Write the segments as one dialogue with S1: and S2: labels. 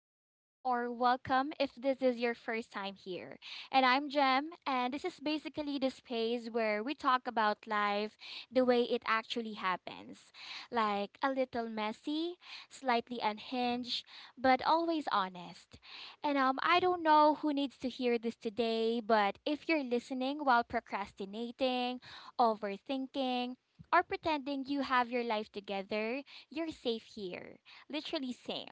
S1: Lately, or welcome if this is your first time here. And I'm Gem, and this is basically the space where we talk about life the way it actually happens, like a little messy, slightly unhinged, but always honest. And I don't know who needs to hear this today, but if you're listening while procrastinating, overthinking, or pretending you have your life together, you're safe here. Literally, same.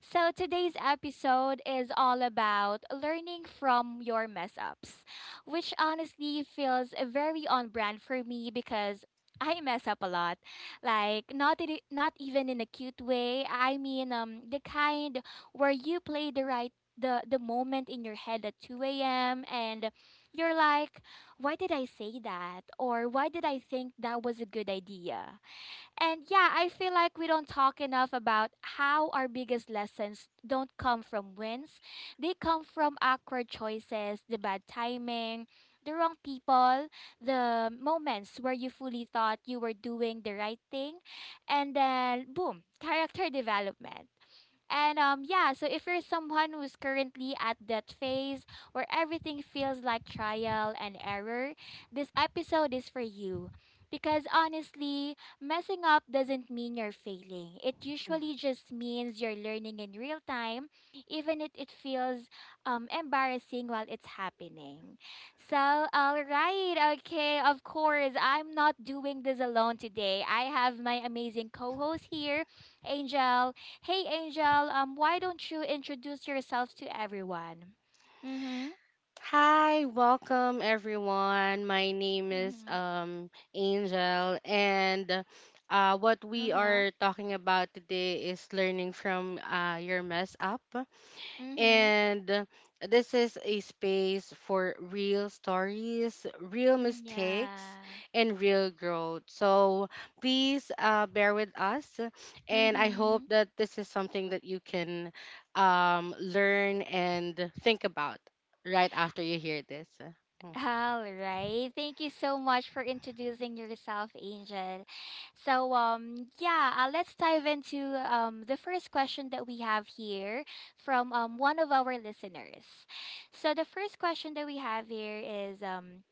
S1: So, today's episode is all about learning from your mess ups, which honestly feels very on brand for me, because I mess up a lot, like not even in a cute way. I mean, the kind where you play the right the moment in your head at 2 a.m. and you're like, why did I say that? Or why did I think that was a good idea? And yeah, I feel like we don't talk enough about how our biggest lessons don't come from wins. They come from awkward choices, the bad timing, the wrong people, the moments where you fully thought you were doing the right thing. And then, boom, character development. And yeah, so if you're someone who's currently at that phase where everything feels like trial and error, this episode is for you. Because honestly, messing up doesn't mean you're failing. It usually just means you're learning in real time, even if it feels embarrassing while it's happening. So, all right, okay, of course, I'm not doing this alone today. I have my amazing co host here, Angel. Hey, Angel, why don't you introduce yourself to everyone? Mm
S2: Hi, welcome everyone. My name
S1: hmm. Mm
S2: is
S1: hmm.
S2: Angel and what
S1: Uh
S2: we
S1: huh.
S2: are talking about today is learning from your mess up.
S1: Mm hmm.
S2: And this is a space for real stories, real
S1: Mm,
S2: mistakes,
S1: yeah.
S2: and real growth. So please bear with us.
S1: Mm
S2: And I hope
S1: hmm.
S2: that this is something that you can learn and think about right after you hear this. Mm.
S1: All right. Thank you so much for introducing yourself, Angel. So, yeah, let's dive into the first question that we have here from one of our listeners. So, the first question that we have here is,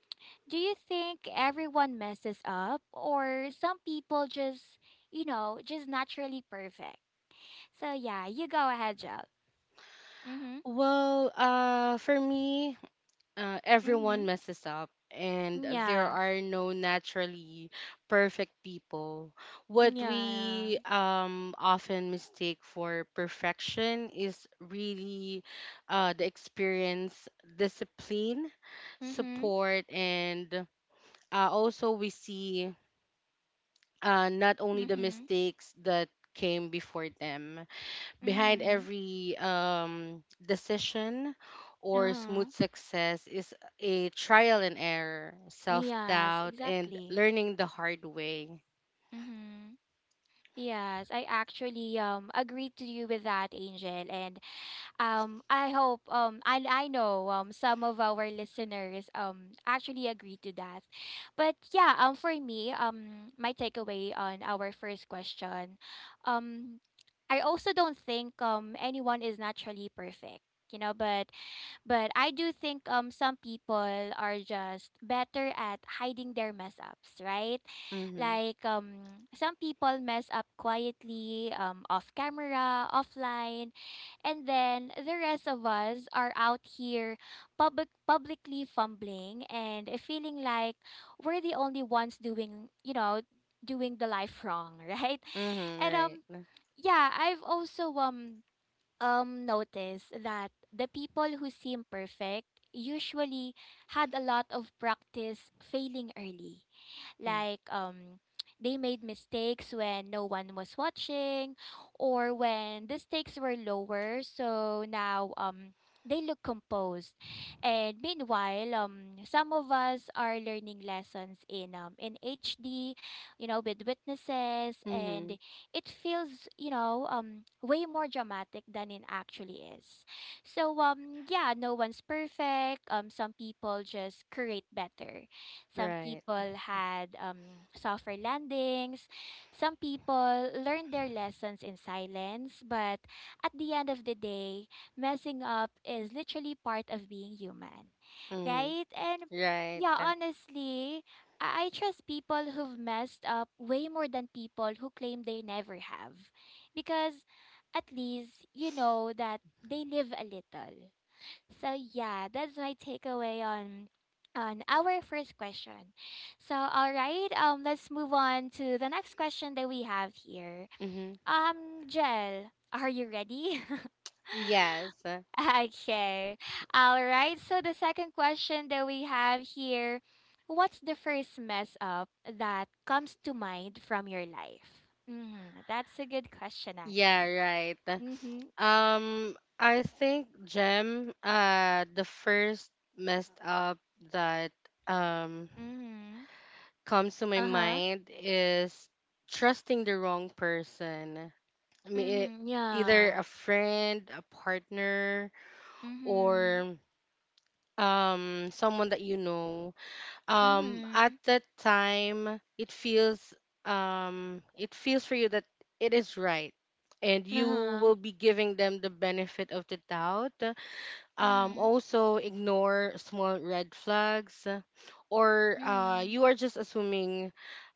S1: do you think everyone messes up, or some people just naturally perfect? So, yeah, you go ahead, Jel. Mm
S2: Well, for me,
S1: hmm. Mm hmm.
S2: everyone messes up and there
S1: Yeah.
S2: are no naturally perfect people. What
S1: Yeah.
S2: we often mistake for perfection is really the experience, discipline,
S1: Mm hmm.
S2: support, and also we see not only
S1: Mm
S2: the
S1: hmm.
S2: mistakes that came before them. Behind
S1: Mm-hmm.
S2: every decision or smooth
S1: Uh-huh.
S2: success is a trial and error, self
S1: Yes,
S2: doubt, and
S1: exactly.
S2: learning the hard way.
S1: Mm-hmm. Yes, I actually agree to you with that, Angel. And I hope I know some of our listeners actually agree to that. But yeah, for me, my takeaway on our first question, um I also don't think anyone is naturally perfect, you know, but I do think some people are just better at hiding their mess ups, right?
S2: Mm-hmm.
S1: Like some people mess up quietly, off camera, offline, and then the rest of us are out here publicly fumbling and feeling like we're the only ones doing the life wrong, right?
S2: Mm-hmm.
S1: And
S2: Right.
S1: yeah, I've also notice that the people who seem perfect usually had a lot of practice failing early, like they made mistakes when no one was watching or when the stakes were lower, so now they look composed, and meanwhile some of us are learning lessons in HD, you know, with witnesses,
S2: Mm-hmm.
S1: and it feels way more dramatic than it actually is. So yeah, no one's perfect. Some people just create better, some
S2: Right.
S1: people had softer landings. Some people learned their lessons in silence. But at the end of the day, messing up is literally part of being human,
S2: Mm-hmm.
S1: right? And
S2: Right.
S1: yeah, honestly, I trust people who've messed up way more than people who claim they never have. Because at least you know that they live a little. So yeah, that's my takeaway on our first question. So all right, let's move on to the next question that we have here.
S2: Mm-hmm.
S1: Jel, are you ready?
S2: Yes.
S1: Okay. All right. So the second question that we have here, what's the first mess up that comes to mind from your life? Mhm. That's a good question,
S2: Yeah,
S1: actually.
S2: right.
S1: Mhm.
S2: I think, Jem, the first messed up that um
S1: Mhm.
S2: comes to my
S1: Uh-huh.
S2: mind is trusting the wrong person. I mean,
S1: Mhm.
S2: either
S1: Yeah.
S2: a friend, a partner,
S1: Mhm.
S2: or someone that you know. At
S1: Mhm.
S2: that time, it feels for you that it is right. And you
S1: Uh-huh.
S2: will be giving them the benefit of the doubt.
S1: Mhm.
S2: Also, ignore small red flags, or
S1: Mhm.
S2: you are just assuming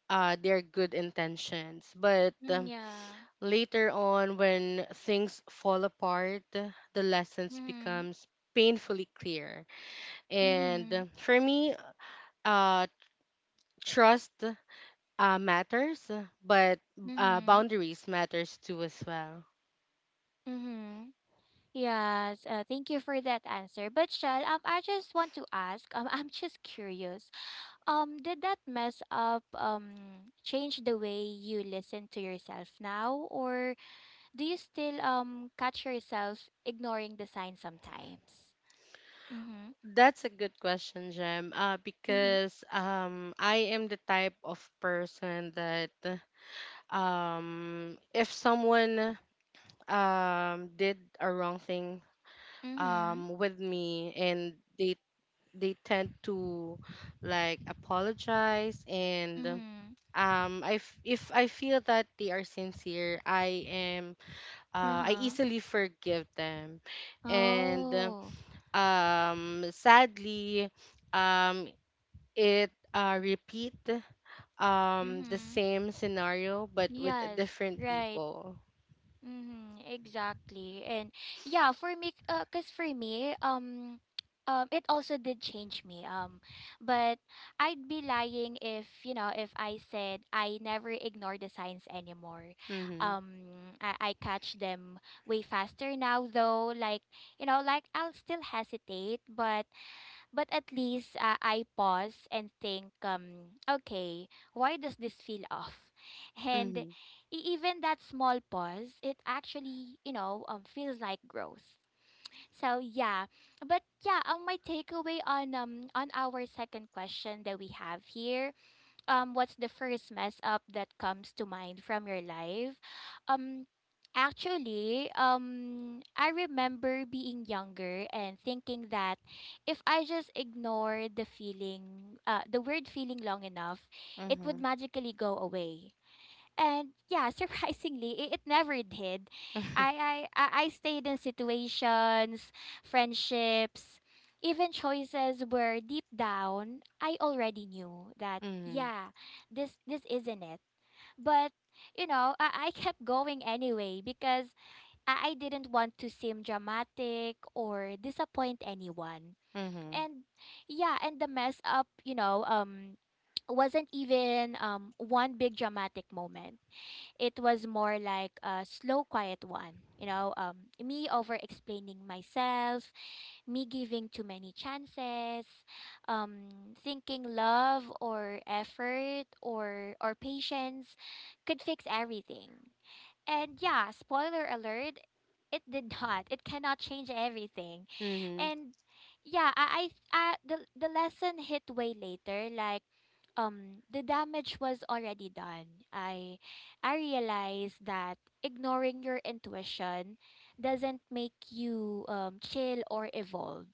S2: their good intentions. But
S1: Mm, yeah.
S2: later on, when things fall apart, the lessons
S1: Mhm.
S2: becomes painfully clear. And
S1: Mhm.
S2: for me, uh, trust matters, but
S1: Mhm.
S2: boundaries matters too as well.
S1: Mhm. Yes. Thank you for that answer. But Shell, I just want to ask. I'm just curious. Did that mess up change the way you listen to yourself now, or do you still catch yourself ignoring the signs sometimes? Mhm.
S2: That's a good question, Jem.
S1: Mhm.
S2: Because I am the type of person that, if someone did a wrong thing
S1: Mhm.
S2: with me and they tend to like apologize, and
S1: Mhm.
S2: if I feel that they are sincere, I am
S1: Uh
S2: I
S1: huh.
S2: easily forgive them. And
S1: Oh.
S2: sadly, um it repeat the
S1: Mm-hmm.
S2: same scenario but with
S1: Yes,
S2: different
S1: right.
S2: people.
S1: Mm-hmm. Exactly. And yeah, for me, it also did change me. But I'd be lying if, you know, if I said I never ignore the signs anymore.
S2: Mhm.
S1: I catch them way faster now though. Like, you know, I'll still hesitate, but at least I pause and think, okay, why does this feel off? And
S2: Mhm.
S1: even that small pause, it actually, feels like growth. So yeah, but yeah, my takeaway on our second question that we have here, what's the first mess up that comes to mind from your life? Um actually, I remember being younger and thinking that if I just ignore the feeling, the word feeling long enough, it
S2: Mm-hmm.
S1: would magically go away. And yeah, surprisingly, it never did.
S2: Mhm.
S1: I stayed in situations, friendships, even choices where deep down I already knew that,
S2: Mhm.
S1: yeah, this isn't it. But you know, I kept going anyway because I didn't want to seem dramatic or disappoint anyone.
S2: Mhm.
S1: And yeah, and the mess up, wasn't even one big dramatic moment. It was more like a slow, quiet one. You know, me over explaining myself, me giving too many chances, thinking love or effort or patience could fix everything. And yeah, spoiler alert, it did not. It cannot change everything.
S2: Mhm.
S1: And yeah, I the lesson hit way later. Like the damage was already done. I realized that ignoring your intuition doesn't make you chill or evolve.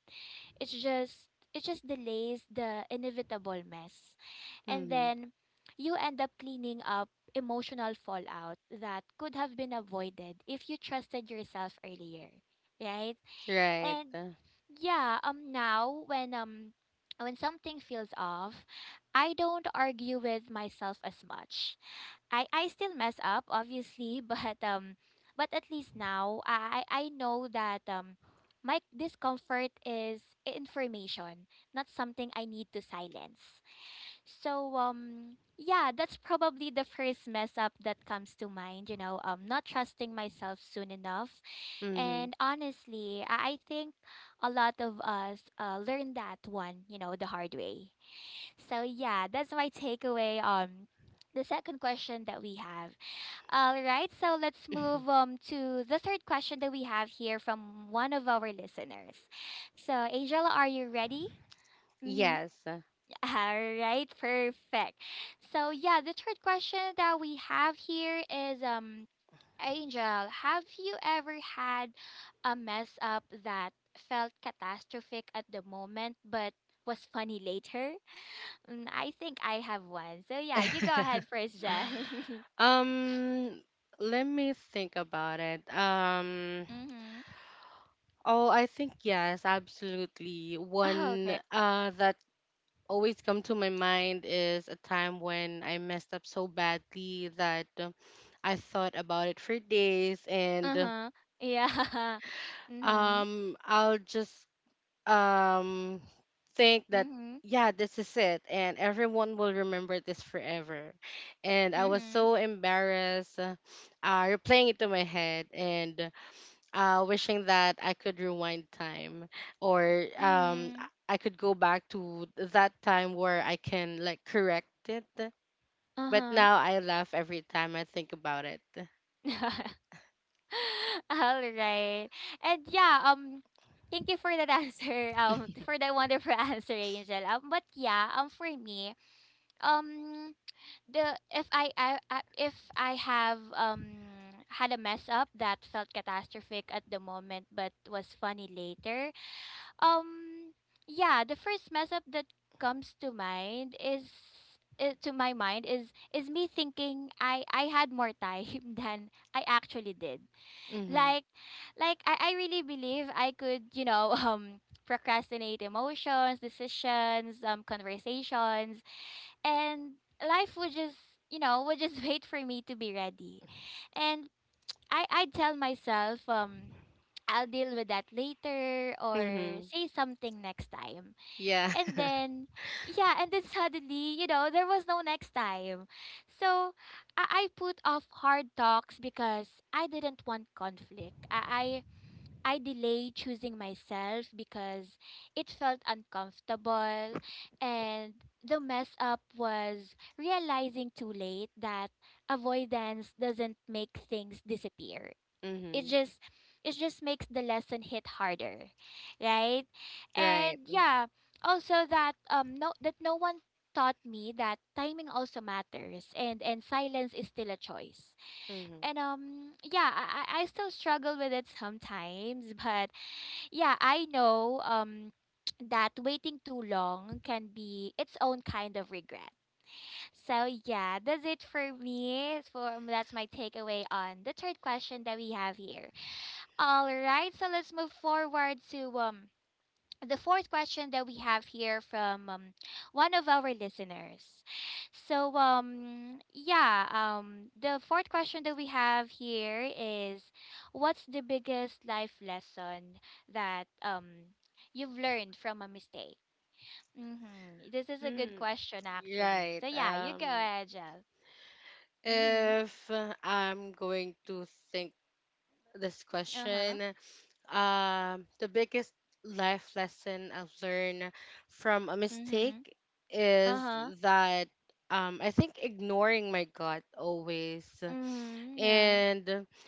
S1: It's just it just delays the inevitable mess. And
S2: Mhm.
S1: then you end up cleaning up emotional fallout that could have been avoided if you trusted yourself earlier. Right?
S2: Right.
S1: And yeah, now when something feels off, I don't argue with myself as much. I still mess up obviously, but at least now I know that my discomfort is information, not something I need to silence. So yeah, that's probably the first mess up that comes to mind, you know, not trusting myself soon enough.
S2: Mm-hmm.
S1: And honestly, I think a lot of us learned that one, you know, the hard way. So yeah, that's my takeaway the second question that we have. All right, so let's move to the third question that we have here from one of our listeners. So Angela, are you ready? Mm-hmm.
S2: Yes.
S1: All right, perfect. So yeah, the third question that we have here is, Angel, have you ever had a mess up that felt catastrophic at the moment but was funny later? Mm, I think I have one. So yeah, you go ahead first, Jen.
S2: um, let me think about it.
S1: Mm-hmm.
S2: Oh, I think yes, absolutely.
S1: Oh,
S2: One
S1: okay.
S2: that always come to my mind is a time when I messed up so badly that, I thought about it for days and
S1: Uh-huh. Yeah. Mm-hmm.
S2: I'll just um think that,
S1: Mm-hmm.
S2: yeah, this is it and everyone will remember this forever, and I was
S1: Mm-hmm.
S2: so embarrassed, replaying it to my head and wishing that I could rewind time, or i
S1: Mm-hmm.
S2: I could go back to that time where I can like correct it. But
S1: Uh-huh.
S2: now I laugh every time I think about it.
S1: All right. And yeah, thank you for that answer. For that wonderful answer, Angel. But yeah, for me, um the if I, I if I have had a mess up that felt catastrophic at the moment but was funny later. Um yeah, the first mess up that comes to mind is to my mind is me thinking I had more time than I actually did,
S2: Mhm.
S1: like I really believe I could, you know, procrastinate emotions, decisions, conversations, and life would just wait for me to be ready. And I tell myself I'll deal with that later or
S2: Mhm.
S1: say something next time.
S2: Yeah.
S1: And then, yeah, and then suddenly, you know, there was no next time. So I put off hard talks because I didn't want conflict. I delayed choosing myself because it felt uncomfortable, and the mess up was realizing too late that avoidance doesn't make things disappear. It
S2: Mhm.
S1: just it just makes the lesson hit harder, right?
S2: Right.
S1: And yeah, also that no, that no one taught me that timing also matters, and silence is still a choice,
S2: Mm-hmm.
S1: and yeah, I still struggle with it sometimes, but yeah, I know that waiting too long can be its own kind of regret. So yeah, that's it for me. For that's my takeaway on the third question that we have here. All right, so let's move forward to the fourth question that we have here from one of our listeners. So the fourth question that we have here is what's the biggest life lesson that you've learned from a mistake? Mhm. This is a good
S2: Hmm.
S1: question actually.
S2: Right.
S1: So yeah, you go ahead, Jel. Mhm.
S2: If I'm going to think this
S1: Uh-huh.
S2: question, the biggest life lesson I've learned from a
S1: Mhm.
S2: mistake is
S1: Uh-huh.
S2: that, I think, ignoring my gut always,
S1: Mhm. Yeah.
S2: and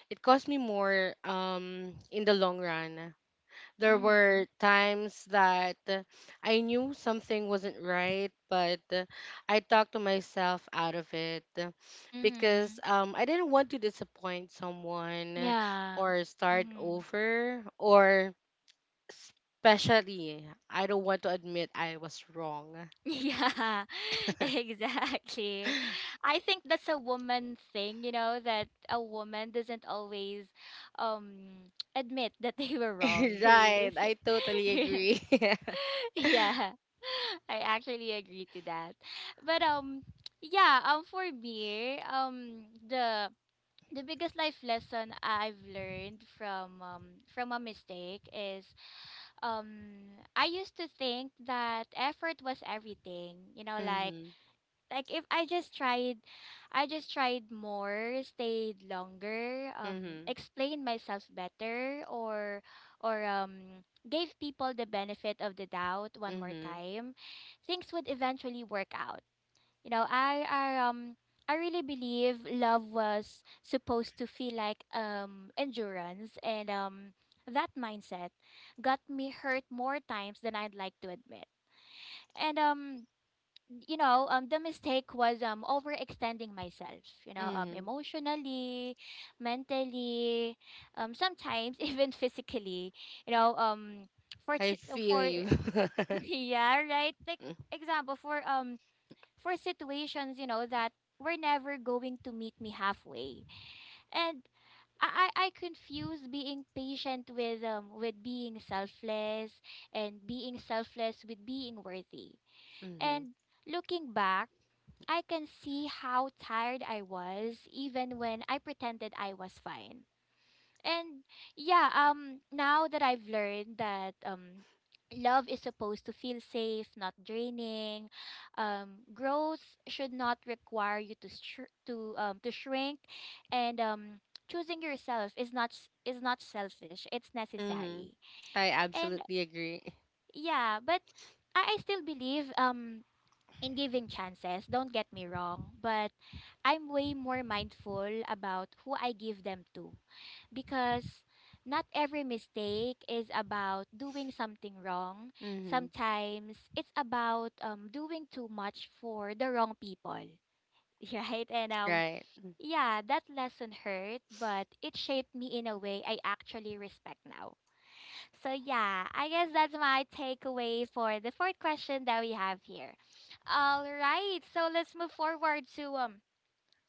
S2: it cost me more in the long run. There were
S1: Mhm.
S2: times that, I knew something wasn't right, but I talked to myself out of it, because
S1: Mhm.
S2: I didn't want to disappoint someone
S1: Yeah.
S2: or start
S1: Mhm.
S2: over, or, especially, I don't want to admit I was wrong.
S1: Yeah, exactly. I think that's a woman thing, you know, that a woman doesn't always admit that they were wrong. They
S2: Right, I totally agree.
S1: Yeah. I actually agree to that. But yeah, for me, the biggest life lesson I've learned from a mistake is um I used to think that effort was everything. You know,
S2: Mhm,
S1: like if I just tried I just tried more, stayed longer,
S2: mhm,
S1: explained myself better or or gave people the benefit of the doubt one more
S2: mhm,
S1: time, things would eventually work out. You know, I I really believe love was supposed to feel like endurance and that mindset got me hurt more times than I'd like to admit. And um the mistake was overextending myself, you know,
S2: mhm.
S1: emotionally, mentally, sometimes even physically, you know,
S2: I feel
S1: for
S2: you.
S1: yeah, right, like example for situations, you know, that were never going to meet me halfway, and I confuse being patient with being selfless and being selfless with being worthy,
S2: Mhm.
S1: and looking back I can see how tired I was even when I pretended I was fine. And yeah, now that I've learned that love is supposed to feel safe, not draining. Growth should not require you to shrink and choosing yourself is not selfish. It's
S2: Mm-hmm.
S1: necessary.
S2: I
S1: And
S2: absolutely agree.
S1: yeah, but I still believe in giving chances, don't get me wrong, but I'm way more mindful about who I give them to because not every mistake is about doing something wrong.
S2: Mm-hmm.
S1: Sometimes it's about doing too much for the wrong people. Right? And
S2: Right.
S1: yeah, that lesson hurt, but it shaped me in a way I actually respect now. So yeah, I guess that's my takeaway for the fourth question that we have here. All right, so let's move forward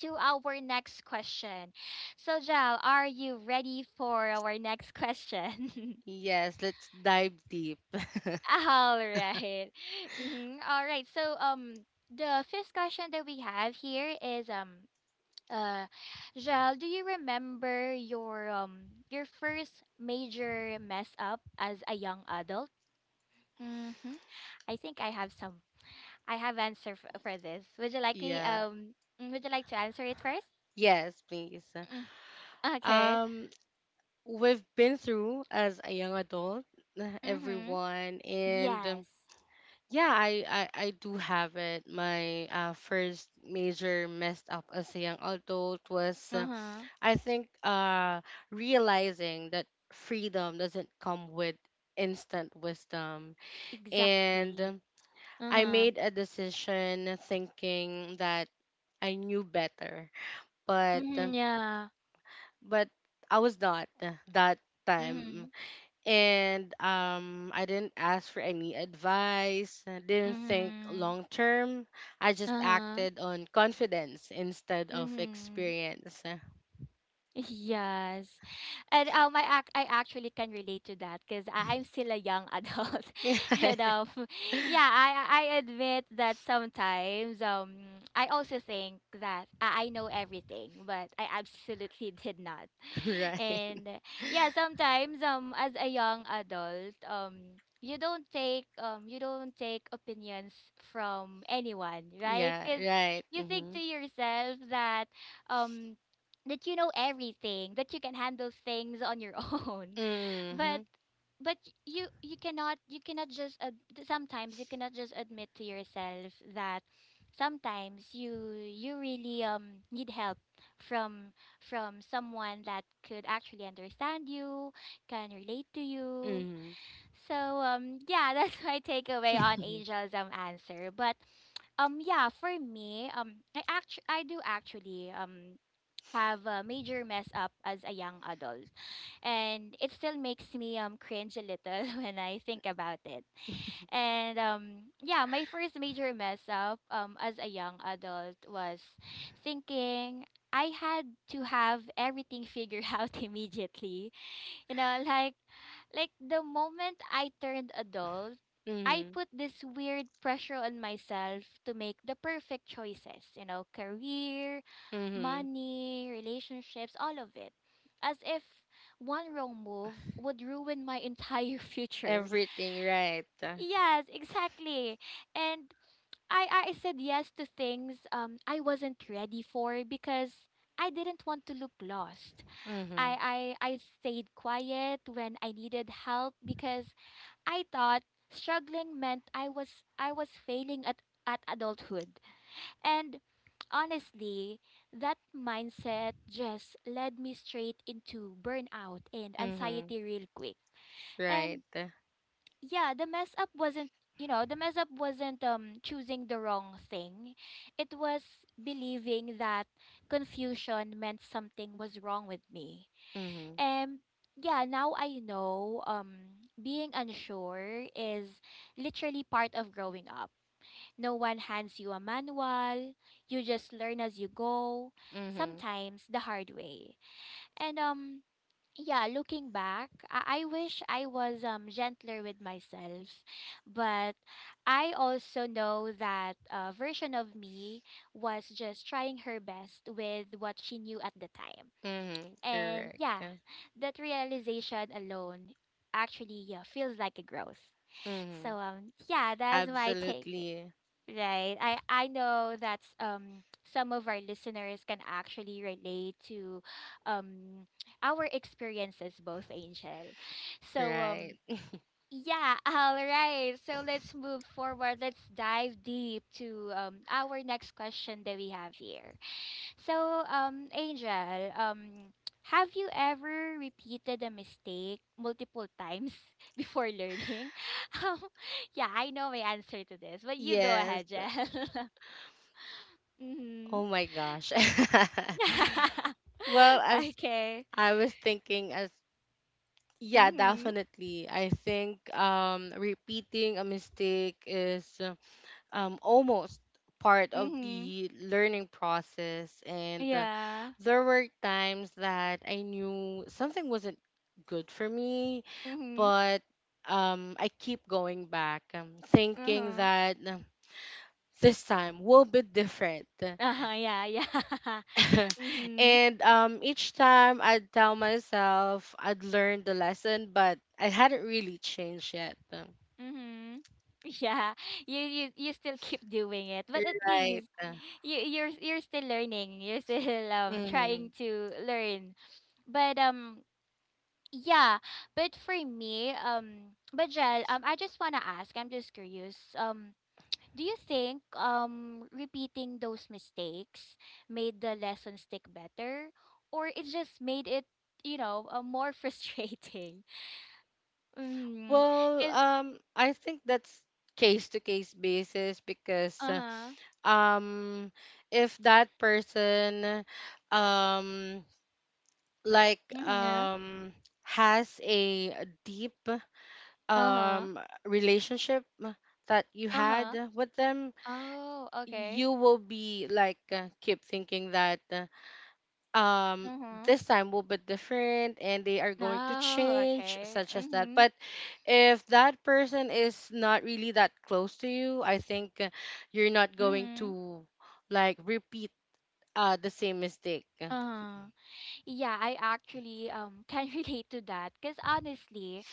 S1: to our next question. So Jal, are you ready for our next question?
S2: Yes, let's dive deep.
S1: All right. Mm-hmm. All right. So the fifth question that we have here is uh Jal, do you remember your first major mess up as a young adult? Mm-hmm. I think I have some. I have answer for this. Would you like me?
S2: Yeah.
S1: Mm, would you like to answer it first?
S2: Yes, please.
S1: Mm, okay.
S2: Um, we've been through as a young adult,
S1: Mhm.
S2: everyone, and
S1: Yes.
S2: yeah, I do have it. My first major messed up as a young adult was,
S1: Uh huh.
S2: I think, realizing that freedom doesn't come with instant wisdom,
S1: Exactly.
S2: and
S1: Uh
S2: I
S1: huh.
S2: made a decision thinking that I knew better, but
S1: Mhm. Yeah.
S2: but I was not that time,
S1: Mhm.
S2: and I didn't ask for any advice. I didn't think
S1: Mhm.
S2: long term. I
S1: Uh
S2: just
S1: huh.
S2: acted on confidence instead of
S1: Mhm.
S2: experience.
S1: Yes. And I actually can relate to that because I'm still a young adult.
S2: Yeah,
S1: and yeah, I admit that sometimes I also think that I know everything, but I absolutely did not.
S2: right.
S1: And yeah, sometimes as a young adult, you don't take opinions from anyone, right?
S2: Yeah,
S1: Because
S2: right.
S1: you think to
S2: Mhm.
S1: yourself that um that you know everything, that you can handle things on your own. But
S2: Mhm.
S1: but you cannot just ad- sometimes you cannot just admit to yourself that sometimes you really need help from someone that could actually understand you, can relate to you,
S2: Mhm.
S1: so yeah, that's my takeaway on angelism answer. But yeah, for me, I do actually have a major mess up as a young adult. And it still makes me cringe a little when I think about it. And yeah, my first major mess up as a young adult was thinking I had to have everything figured out immediately you know, like the moment I turned adult,
S2: Mhm.
S1: I
S2: Mhm.
S1: put this weird pressure on myself to make the perfect choices, you know, career, money, relationships, all of it. As if one wrong move would ruin my entire future.
S2: Everything right.
S1: Yes, exactly. And I said yes to things I wasn't ready for because I didn't want to look lost.
S2: Mhm.
S1: I stayed quiet when I needed help because I thought struggling meant I was failing at adulthood. And honestly, that mindset just led me straight into burnout and
S2: Mm-hmm.
S1: anxiety real quick. And
S2: Right.
S1: yeah, the mess up wasn't, you know, the mess up wasn't choosing the wrong thing. It was believing that confusion meant something was wrong with me.
S2: Mm-hmm.
S1: Um, yeah, now I know being unsure is literally part of growing up. No one hands you a manual. You just learn as you go,
S2: Mm-hmm.
S1: sometimes the hard way. And yeah, looking back, I wish I was gentler with myself, but I also know that a version of me was just trying her best with what she knew at the time.
S2: Mm-hmm.
S1: And
S2: Correct.
S1: yeah,
S2: Yeah.
S1: that realization alone actually yeah, feels like a growth.
S2: Mm-hmm.
S1: So yeah, that's my take.
S2: Absolutely.
S1: Right. I know that's some of our listeners can actually relate to um our experiences both Angel. So
S2: Right.
S1: yeah, all right. So let's move forward. Let's dive deep to our next question that we have here. So, Angel, have you ever repeated a mistake multiple times before learning? Um, yeah, I know my answer to this, but you go
S2: Yes.
S1: ahead, Jel. mm-hmm.
S2: Oh my gosh. Well, as
S1: okay.
S2: I was thinking, as, yeah,
S1: Mm-hmm.
S2: definitely, I think repeating a mistake is almost part of
S1: Mm-hmm.
S2: the learning process, and
S1: Yeah.
S2: there were times that I knew something wasn't good for me,
S1: Mm-hmm.
S2: but I keep going back, thinking
S1: Uh-huh.
S2: that, this time will be different.
S1: Uh-huh. Yeah. Yeah. mm-hmm.
S2: And each time I'd tell myself I'd learned the lesson, but I hadn't really changed yet.
S1: Mm-hmm. Yeah, you still keep doing it, but at
S2: Right.
S1: least you you're still learning. You're still
S2: Mhm.
S1: trying to learn. But yeah, but for me but Jel, I just wanna ask. I'm just curious. Do you think repeating those mistakes made the lesson stick better, or it just made it you know more frustrating? Mm,
S2: Well,
S1: cause
S2: I think that's case to case basis, because
S1: uh huh.
S2: um, if that person um like
S1: Mm-hmm.
S2: um has a deep
S1: Uh-huh.
S2: um relationship that you
S1: Uh-huh.
S2: had with them,
S1: Oh, okay.
S2: you will be like, keep thinking that, um
S1: Mm-hmm.
S2: this time will be different and they are going to
S1: No,
S2: change
S1: okay.
S2: such as that.
S1: Mm-hmm.
S2: But if that person is not really that close to you, I think, you're not going
S1: Mm-hmm.
S2: to like repeat the same mistake.
S1: Uh-huh. Yeah, I actually can relate to that because honestly,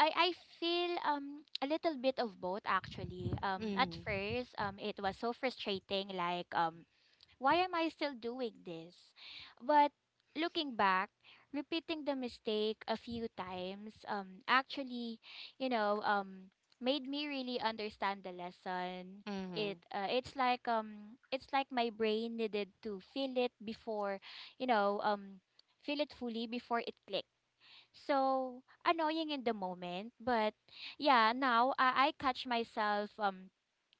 S1: I feel a little bit of both actually. At
S2: Mm-hmm.
S1: first, it was so frustrating like why am I still doing this? But looking back, repeating the mistake a few times actually, you know, made me really understand the lesson.
S2: Mm-hmm.
S1: It it's like my brain needed to feel it before, you know, feel it fully before it clicked. So annoying in the moment, but yeah, now I catch myself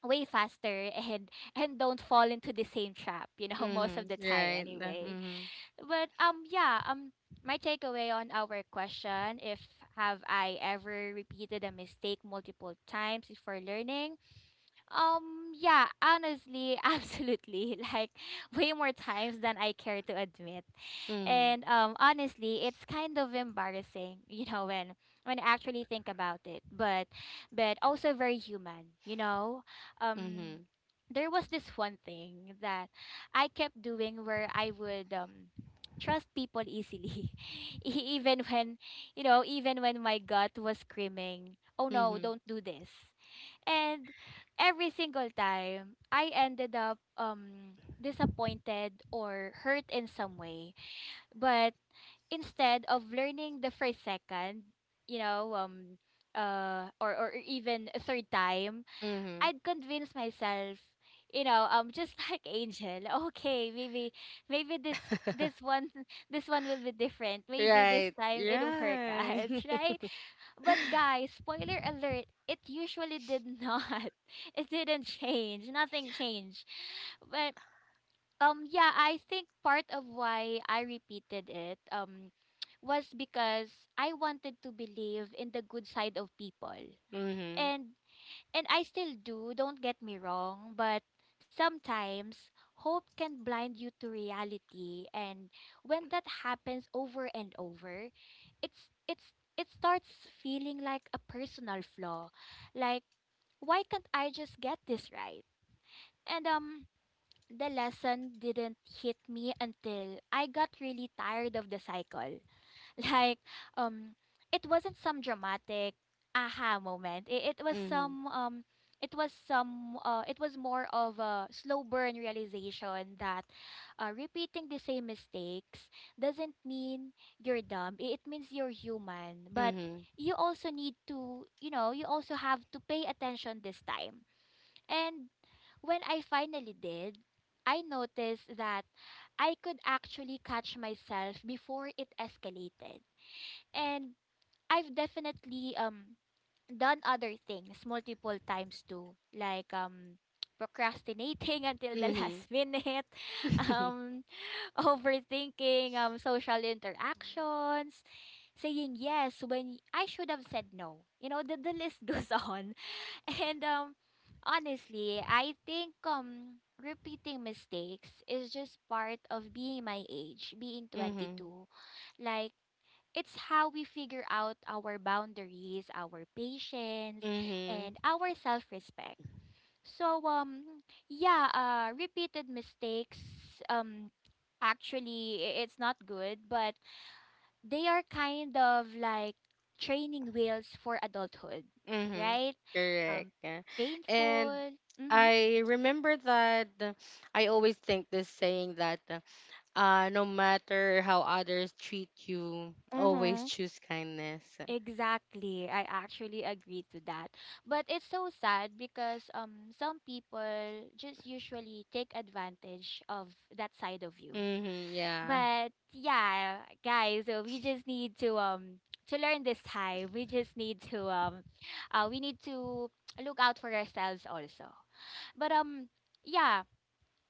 S1: way faster and don't fall into the same trap you know most of the
S2: Mm-hmm.
S1: time
S2: Right.
S1: anyway
S2: Mm-hmm.
S1: but yeah my takeaway on our question if have I ever repeated a mistake multiple times before learning yeah, honestly, absolutely. Like way more times than I care to admit.
S2: Mm.
S1: And honestly, it's kind of embarrassing, you know, when I actually think about it. But also very human, you know. Um
S2: Mhm.
S1: there was this one thing that I kept doing where I would trust people easily even when you know even when my gut was screaming oh no
S2: Mhm.
S1: don't do this and every single time, I ended up disappointed or hurt in some way. But instead of learning the first second, you know, or even a third time,
S2: Mhm.
S1: I'd convince myself, you know, just like Angel, okay, maybe this this one this one will be different. Maybe this
S2: Right.
S1: time it'll work out,
S2: Right.
S1: right? But guys, spoiler alert, it usually did not. It didn't change. Nothing changed. But yeah, I think part of why I repeated it was because I wanted to believe in the good side of people.
S2: Mhm.
S1: And I still do, don't get me wrong, but sometimes hope can blind you to reality and when that happens over and over, it starts feeling like a personal flaw. Like why can't I just get this right? And the lesson didn't hit me until I got really tired of the cycle. Like, um, it wasn't some dramatic aha moment. It was
S2: Mhm.
S1: some it was some it was more of a slow burn realization that repeating the same mistakes doesn't mean you're dumb. It means you're human. But
S2: Mhm.
S1: you also need to, you know, you also have to pay attention this time. And when I finally did, I noticed that I could actually catch myself before it escalated. And I've definitely done other things multiple times too, like procrastinating until the
S2: Mhm.
S1: last minute, um overthinking social interactions, saying yes when I should have said no. The list goes on. And honestly, I think repeating mistakes is just part of being my age, being
S2: Mhm.
S1: 22. Like, it's how we figure out our boundaries, our patience, and
S2: Mhm.
S1: our self-respect. So yeah, repeated mistakes um it's not good, but they are kind of like training wheels for adulthood,
S2: Mhm.
S1: right?
S2: Correct.
S1: Um
S2: Yeah. And
S1: Painful. Mhm.
S2: I remember that, I always think this saying that, no matter how others treat you, always
S1: Mm-hmm.
S2: choose kindness.
S1: Exactly. I actually agree to that. But it's so sad because some people just usually take advantage of that side of you.
S2: Mhm. Yeah.
S1: But yeah, guys, so we just need to learn this time. We just need to we need to look out for ourselves also. But yeah,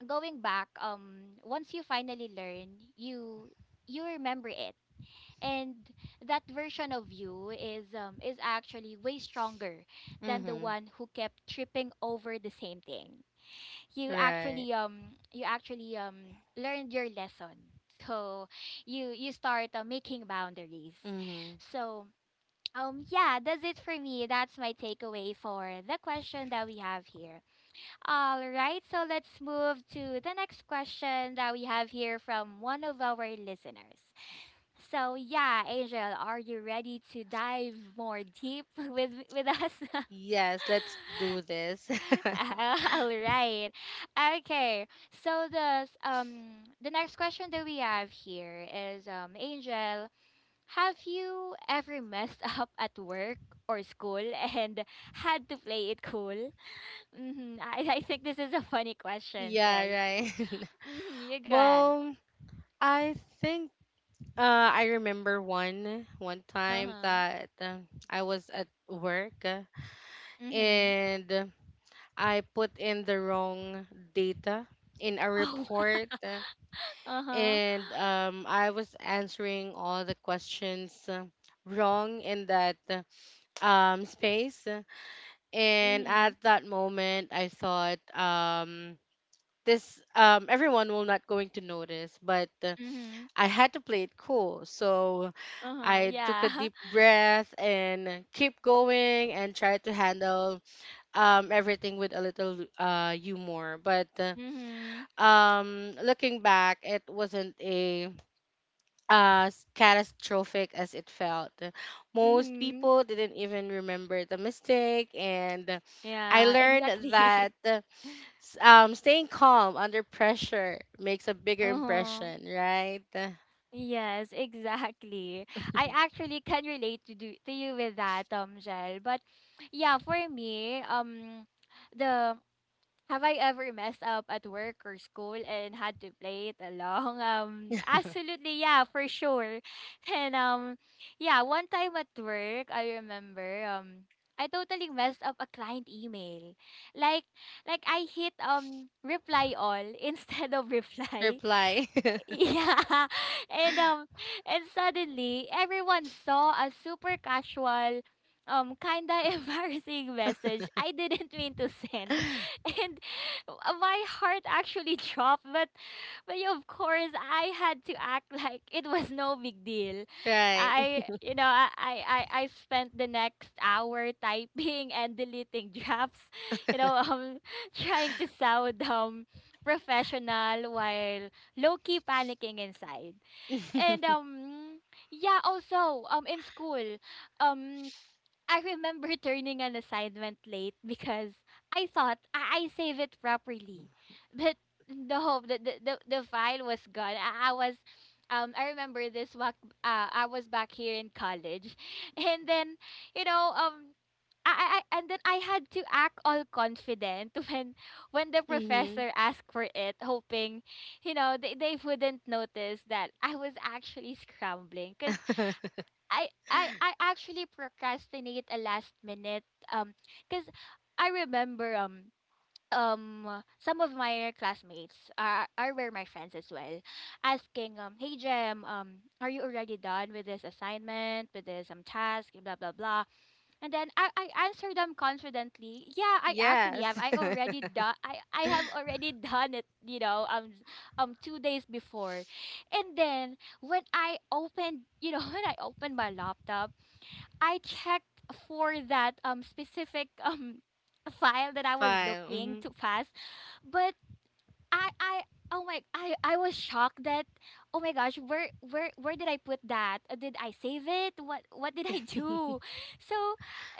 S1: going back, once you finally learn, you remember it and that version of you is actually way stronger than the
S2: Mhm.
S1: one who kept tripping over the same thing. You
S2: Right.
S1: actually you actually learned your lesson, so you start making boundaries.
S2: Mhm.
S1: So yeah, that's it for me. That's my takeaway for the question that we have here. All right, so let's move to the next question that we have here from one of our listeners. So yeah, Angel, are you ready to dive more deep with us?
S2: Yes, let's do this.
S1: All right. Okay. So the next question that we have here is, Angel, have you ever messed up at work or school and had to play it cool? I think this is a funny question. So
S2: Yeah, right.
S1: you go ahead.
S2: Well, I think, I remember one one
S1: Uh
S2: time
S1: huh.
S2: that, I was at work,
S1: Mm-hmm.
S2: and I put in the wrong data in a
S1: Oh.
S2: report,
S1: Uh huh.
S2: and I was answering all the questions wrong in that space, and
S1: Mm.
S2: at that moment I thought, this, everyone will not going to notice, but
S1: Mhm.
S2: I had to play it cool. So
S1: Uh-huh,
S2: I took a
S1: yeah.
S2: deep breath and keep going and try to handle everything with a little humor. But
S1: Mhm.
S2: looking back, it wasn't a catastrophic as it felt. Most
S1: Mhm.
S2: people didn't even remember the mistake, and I
S1: Yeah,
S2: learned
S1: exactly.
S2: that staying calm under pressure makes a bigger
S1: Uh-huh.
S2: impression, right?
S1: Yes, exactly. I actually can relate to do to you with that, Jel. But yeah, for me, the have I ever messed up at work or school and had to play it along? Absolutely, yeah, for sure. And yeah, one time at work, I remember, I totally messed up a client email. Like, like I hit reply all instead of reply,
S2: Reply.
S1: yeah. And um and suddenly everyone saw a super casual kinda embarrassing message I didn't mean to send. And my heart actually dropped, but yeah, of course I had to act like it was no big deal.
S2: Right.
S1: I you know, I spent the next hour typing and deleting drafts, you know, trying to sound professional while low-key panicking inside. And um yeah, also in school, um I remember turning an assignment late because I thought I save it properly. But no, the file was gone. I was I remember this walk. I was back here in college. And then, you know, I- and then I had to act all confident when the
S2: Mm-hmm.
S1: professor asked for it, hoping, you know, they wouldn't notice that I was actually scrambling. Cause I actually procrastinate a last minute um cuz I remember some of my classmates are were my friends as well, asking, hey Jem, are you already done with this assignment, with this task, blah blah blah. And then I answer them confidently. Yeah, I actually have.
S2: Yes.
S1: I already done. I have already done it. You know, 2 days before, and then when I opened, you know, when I opened my laptop, I checked for that specific file that I was
S2: Five.
S1: looking
S2: Mm-hmm.
S1: to pass, but I oh my, I was shocked that, oh my gosh, where where did I put that? Did I save it? What did I do? So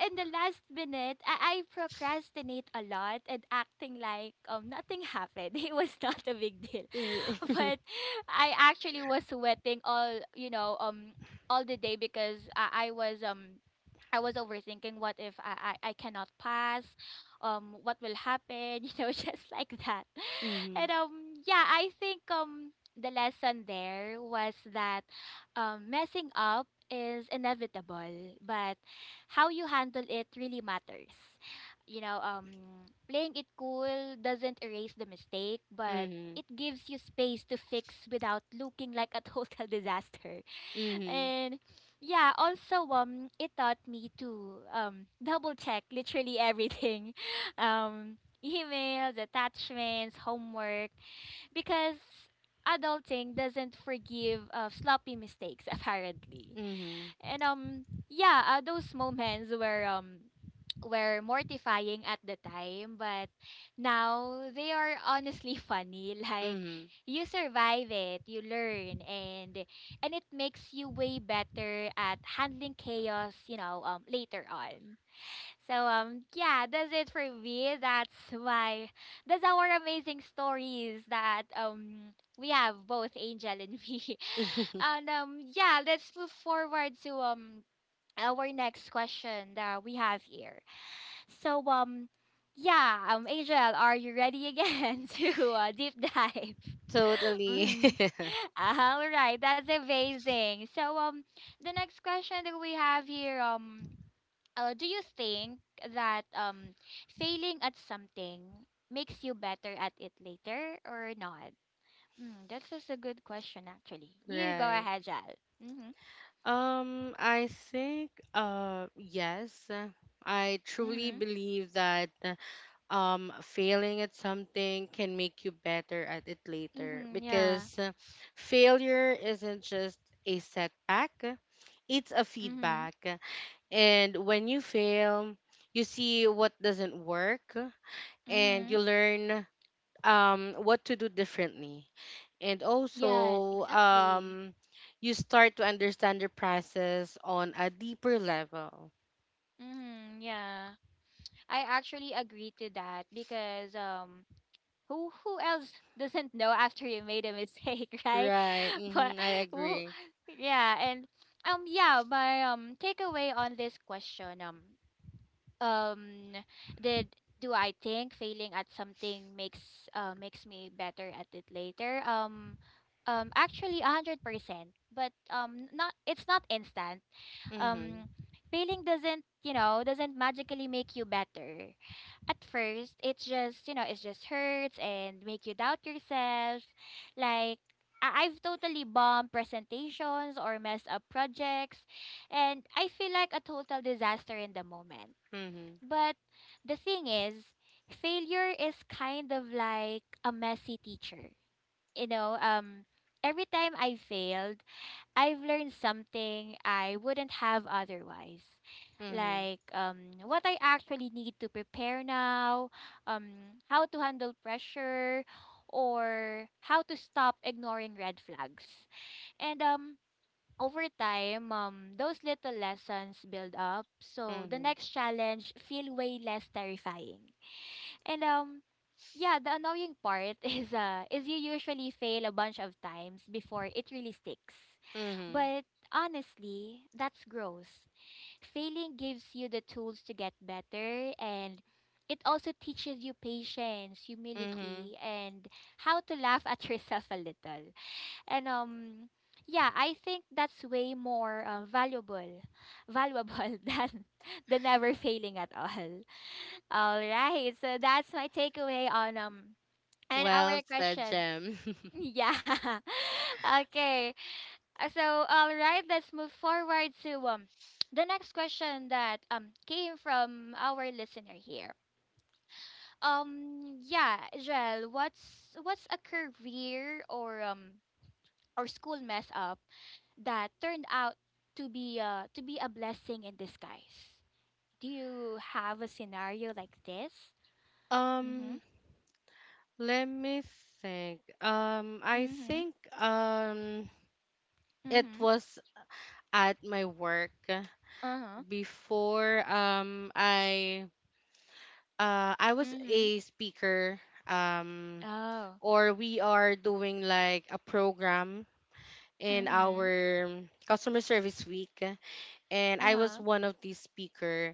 S1: in the last minute, I procrastinate a lot and acting like nothing happened. It was not a big deal. But I actually was sweating all, you know, all the day because I was I was overthinking what if I cannot pass, what will happen? You know, just like that.
S2: Mm-hmm.
S1: And yeah, I think the lesson there was that messing up is inevitable, but how you handle it really matters. You know, playing it cool doesn't erase the mistake, but
S2: Mm-hmm.
S1: it gives you space to fix without looking like a total disaster.
S2: Mm-hmm.
S1: And yeah, also it taught me to double check literally everything, um, emails, attachments, homework, because adulting doesn't forgive sloppy mistakes apparently.
S2: Hmm.
S1: And yeah, those moments were mortifying at the time, but now they are honestly funny. Like you survive it, you learn, and it makes you way better at handling chaos. You know, later on. So yeah, that's it for me. That's my that's our amazing stories that we have, both Angel and me.
S2: Mm-hmm.
S1: And yeah, let's move forward to our next question that we have here. So yeah, Angel, are you ready again to deep dive?
S2: Totally.
S1: Mhm. All right, that's amazing. So the next question that we have here, do you think that failing at something makes you better at it later or not? Mm, that's just a good question, actually. You go
S2: Right.
S1: ahead, Jal. Mm-hmm.
S2: I think yes. I truly
S1: Mm-hmm.
S2: believe that, failing at something can make you better at it later,
S1: Mm-hmm.
S2: because
S1: Yeah.
S2: failure isn't just a setback, it's a
S1: Mm-hmm.
S2: feedback. And when you fail, you see what doesn't work, and
S1: Mm-hmm.
S2: you learn what to do differently, and
S1: Yes,
S2: also
S1: exactly.
S2: you start to understand the process on a deeper level.
S1: Mm-hmm. Yeah. I actually agree to that because who else doesn't know after you made a mistake, right?
S2: Right.
S1: But
S2: Mm-hmm. I
S1: who,
S2: agree.
S1: yeah, and yeah, my takeaway on this question, um did do I think failing at something makes makes me better at it later? Actually 100%. But not it's not instant. Um
S2: Mm-hmm.
S1: failing doesn't, you know, doesn't magically make you better. At first it's just, you know, it just hurts and make you doubt yourself. Like I've totally bombed presentations or messed up projects and I feel like a total disaster in the moment.
S2: Mm-hmm.
S1: But the thing is, failure is kind of like a messy teacher. You know, every time I failed, I've learned something I wouldn't have otherwise.
S2: Mm-hmm.
S1: Like what I actually need to prepare now, how to handle pressure, or how to stop ignoring red flags. And over time, those little lessons build up, so the
S2: Mm-hmm.
S1: next challenge feel way less terrifying. And yeah, the annoying part is you usually fail a bunch of times before it really sticks.
S2: Mm-hmm.
S1: But honestly, that's growth. Failing gives you the tools to get better, and it also teaches you patience,
S2: Mm-hmm.
S1: humility, and how to laugh at yourself a little. And yeah, I think that's way more valuable valuable than the never failing at all. All right, so that's my takeaway on and
S2: Well
S1: our
S2: said,
S1: question.
S2: Gem.
S1: Yeah. Okay. So all right, let's move forward to the next question that came from our listener here. Yeah, Jel, what's a career or school mess up that turned out to be a blessing in disguise. Do you have a scenario like this? Mhm.
S2: um let me think. I
S1: Mhm.
S2: think, um it
S1: Mhm.
S2: was at my work
S1: Uh-huh.
S2: before. I was
S1: Mhm.
S2: a speaker, um
S1: Oh.
S2: or we are doing like a program in
S1: Mhm.
S2: our customer service week, and I was
S1: Uh-huh.
S2: one of the speaker.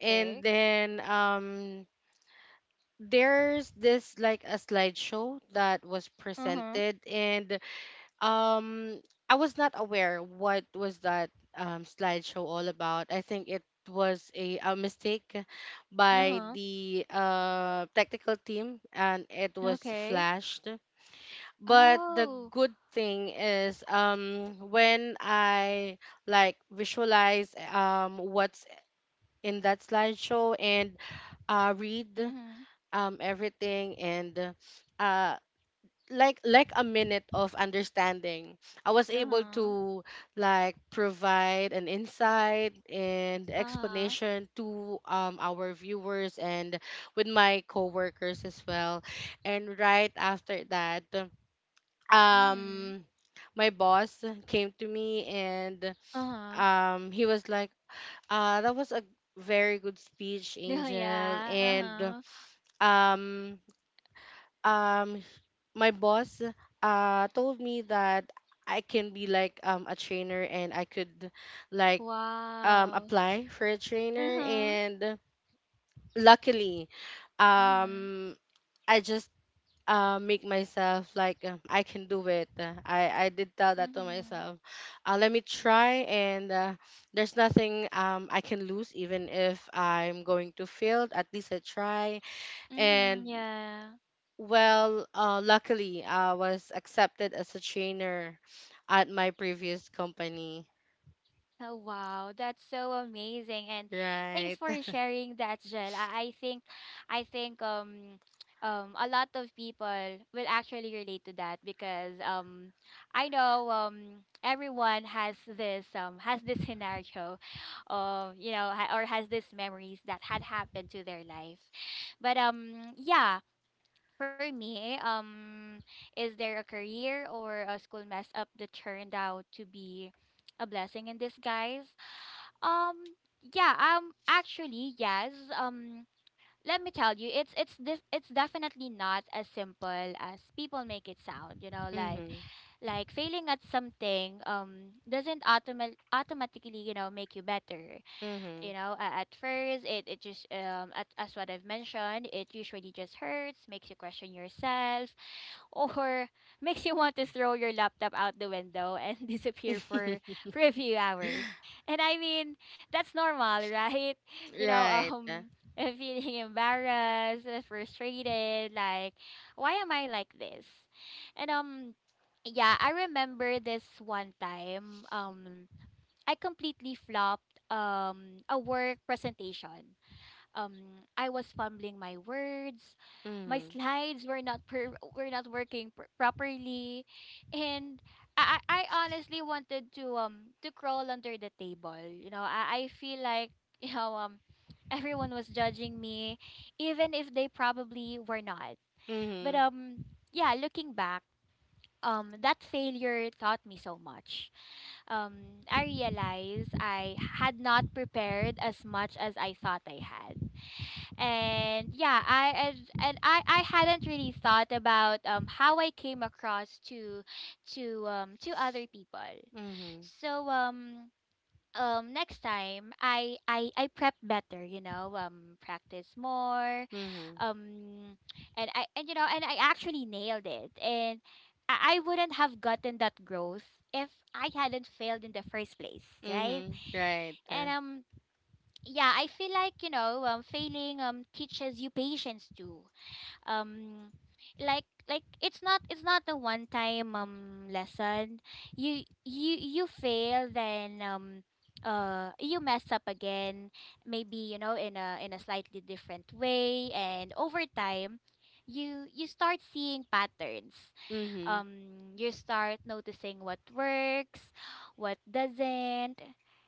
S2: And then there's this like a slideshow that was
S1: Uh-huh.
S2: presented, and um, I was not aware what was that slideshow all about. I think it was a mistake by
S1: Uh-huh.
S2: the technical team, and it was
S1: Okay.
S2: flashed. But the
S1: Oh.
S2: good thing is, when I like visualize what's in that slideshow and read
S1: Mhm.
S2: everything and uh, like a minute of understanding, I was able
S1: Uh-huh.
S2: to like provide an insight and
S1: Uh-huh.
S2: explanation to our viewers and with my coworkers as well. And right after that,
S1: Mhm.
S2: um my boss came to me and
S1: Uh-huh.
S2: he was like, that was a very good speech, Angel.
S1: Yeah.
S2: And
S1: Uh-huh.
S2: um um my boss told me that I can be like a trainer, and I could like
S1: Wow.
S2: apply for a trainer.
S1: Uh-huh.
S2: And luckily,
S1: Mhm.
S2: um I just make myself like, I can do it. I did tell that to
S1: Mhm.
S2: myself. Let me try, and there's nothing I can lose even if I'm going to fail. At least I try,
S1: Mm-hmm,
S2: and,
S1: yeah.
S2: well, luckily, I was accepted as a trainer at my previous company.
S1: Oh, wow, that's so amazing. And thanks
S2: Right.
S1: for sharing that, Jel. I think I think a lot of people will actually relate to that because I know everyone has this scenario of, you know, ha- or has these memories that had happened to their life. But yeah, for me, is there a career or a school mess up that turned out to be a blessing in disguise? Um, yeah, actually, yes. Um, let me tell you, it's definitely not as simple as people make it sound. You know,
S2: Mm-hmm.
S1: like failing at something doesn't automatically, you know, make you better.
S2: Mm-hmm.
S1: You know, at first, it just as what I've mentioned, it usually just hurts, makes you question yourself or makes you want to throw your laptop out the window and disappear for a few hours. And I mean, that's normal, right? You know,
S2: Right.
S1: feeling embarrassed, frustrated, like why am I like this? And yeah, I remember this one time I completely flopped a work presentation. I was fumbling my words, my
S2: Mm-hmm.
S1: slides were not per- were not working properly, and I honestly wanted to crawl under the table. I feel like you know um everyone was judging me, even if they probably were not. But
S2: Mm-hmm.
S1: um yeah, looking back. That failure taught me so much. I realized I had not prepared as much as I thought I had. And yeah, I and I hadn't really thought about how I came across to other people.
S2: Mm-hmm.
S1: So next time, I prep better, practice more.
S2: Mm-hmm.
S1: Um and i and you know and i actually nailed it, and I wouldn't have gotten that growth if I hadn't failed in the first place, right?
S2: Mm-hmm. Right.
S1: And yeah, I feel like, failing teaches you patience too. Um like like, it's not a one time lesson. You fail, then you mess up again, maybe, you know, in a slightly different way, and over time you start seeing patterns.
S2: Mm-hmm.
S1: You start noticing what works, what doesn't,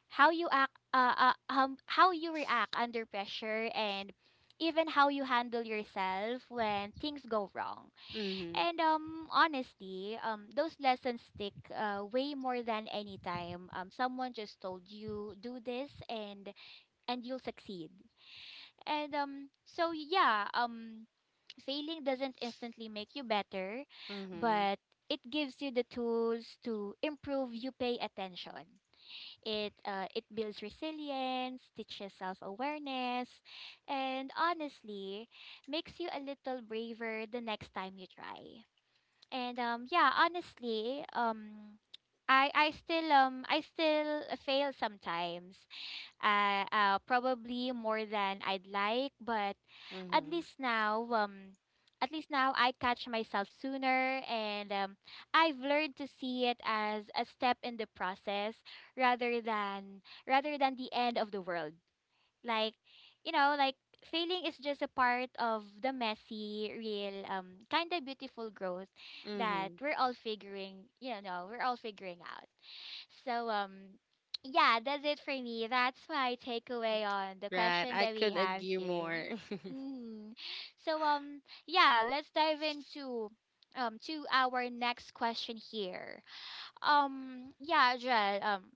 S1: how you react under pressure, and even how you handle yourself when things go wrong.
S2: Mm-hmm.
S1: And honestly, those lessons stick, way more than any time someone just told you, do this and you'll succeed. And so yeah, failing doesn't instantly make you better,
S2: Mm-hmm.
S1: but it gives you the tools to improve. You pay attention. It builds resilience, teaches self-awareness, and honestly, makes you a little braver the next time you try. And yeah, honestly, I still fail sometimes, probably more than I'd like, but at
S2: Mm-hmm.
S1: least now, I catch myself sooner, and I've learned to see it as a step in the process rather than rather than the end of the world. Like, like failing is just a part of the messy, real, kind of beautiful growth that
S2: Mm-hmm.
S1: we're all figuring out. So yeah, that's it for me. That's my takeaway on the
S2: Right.
S1: question
S2: I
S1: that we
S2: could
S1: have
S2: agree
S1: here.
S2: more.
S1: Mm. So yeah, let's dive into to our next question here. Yeah, Joel,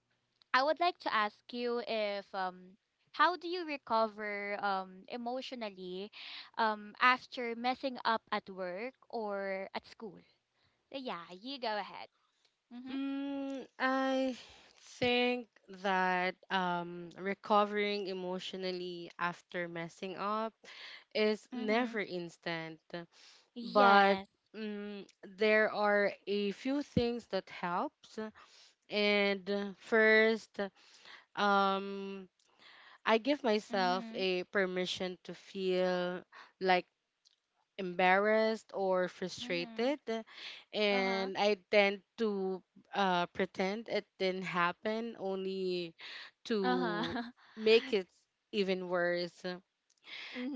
S1: I would like to ask you, if how do you recover emotionally after messing up at work or at school? Yeah, you go ahead. Mhm.
S2: Mm, I think that recovering emotionally after messing up is
S1: Mhm.
S2: never instant, but,
S1: Yes.
S2: mm, there are a few things that helps. And, first, um, I give myself
S1: Mhm.
S2: a permission to feel like embarrassed or
S1: Mhm.
S2: frustrated,
S1: Uh-huh.
S2: and I tend to pretend it didn't happen only to
S1: Uh-huh.
S2: make it even worse.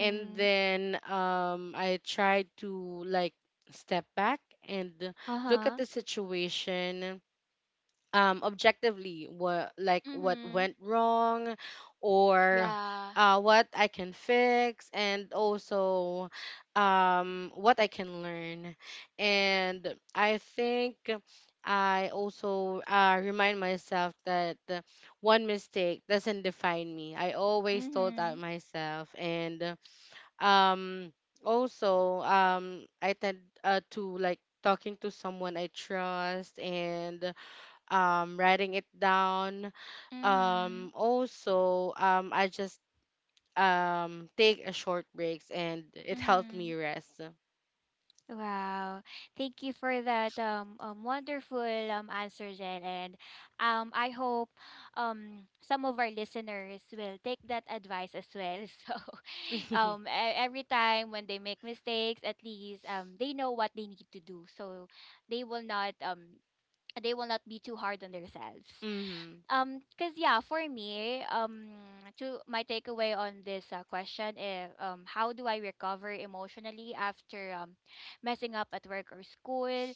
S2: And then I tried to like step back and look at
S1: Uh-huh.
S2: the situation objectively, what, like, what
S1: Mhm.
S2: went wrong, or
S1: Yeah.
S2: what I can fix, and also what I can learn. And I think I also, remind myself that, one mistake doesn't define me. I always told that
S1: Mhm.
S2: myself. And um also, I tend, to like talking to someone I trust, and writing it down.
S1: Mhm.
S2: Also, I just take a short breaks, and it helped me
S1: Mhm.
S2: rest.
S1: Wow. Thank you for that, wonderful answer, Jen. And I hope some of our listeners will take that advice as well. So
S2: Mhm.
S1: um every time when they make mistakes, at least they know what they need to do. So they will not um they will not be too hard on themselves. Cause yeah, for me, to my takeaway on this question is, how do I recover emotionally after, messing up at work or school?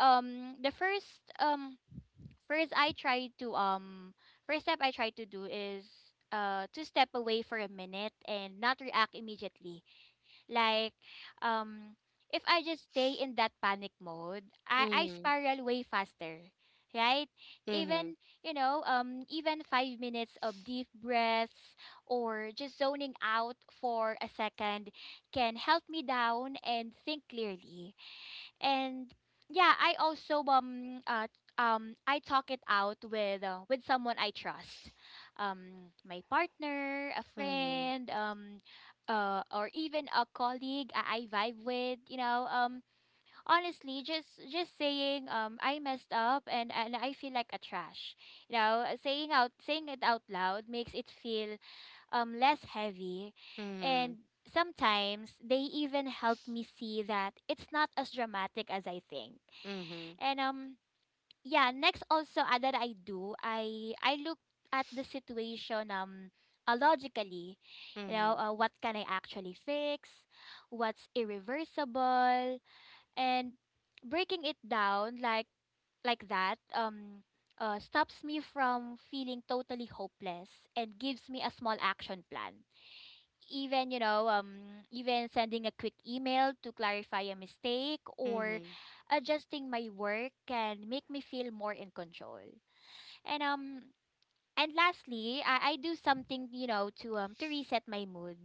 S1: The first first I try to First step I try to do is to step away for a minute and not react immediately. Like, um, if I just stay in that panic mode, I
S2: Mhm.
S1: spiral way faster, right?
S2: Mhm.
S1: Even, even 5 minutes of deep breaths or just zoning out for a second can help me down and think clearly, and yeah, I also I talk it out with, with someone I trust, my partner, a friend, or even a colleague I vibe with, honestly, just saying, I messed up and I feel like a trash, you know, saying it out loud makes it feel less heavy.
S2: Mhm.
S1: And
S2: Mhm.
S1: sometimes they even help me see that it's not as dramatic as I think.
S2: Mhm.
S1: And yeah, next also, that I do, I look at the situation, logically. You know,
S2: Mhm.
S1: what can I actually fix? What's irreversible? And breaking it down like that, stops me from feeling totally hopeless and gives me a small action plan. Even you know um even sending a quick email to clarify a mistake or
S2: Mhm.
S1: adjusting my work can make me feel more in control. And um and lastly, I do something, you know, to reset my mood.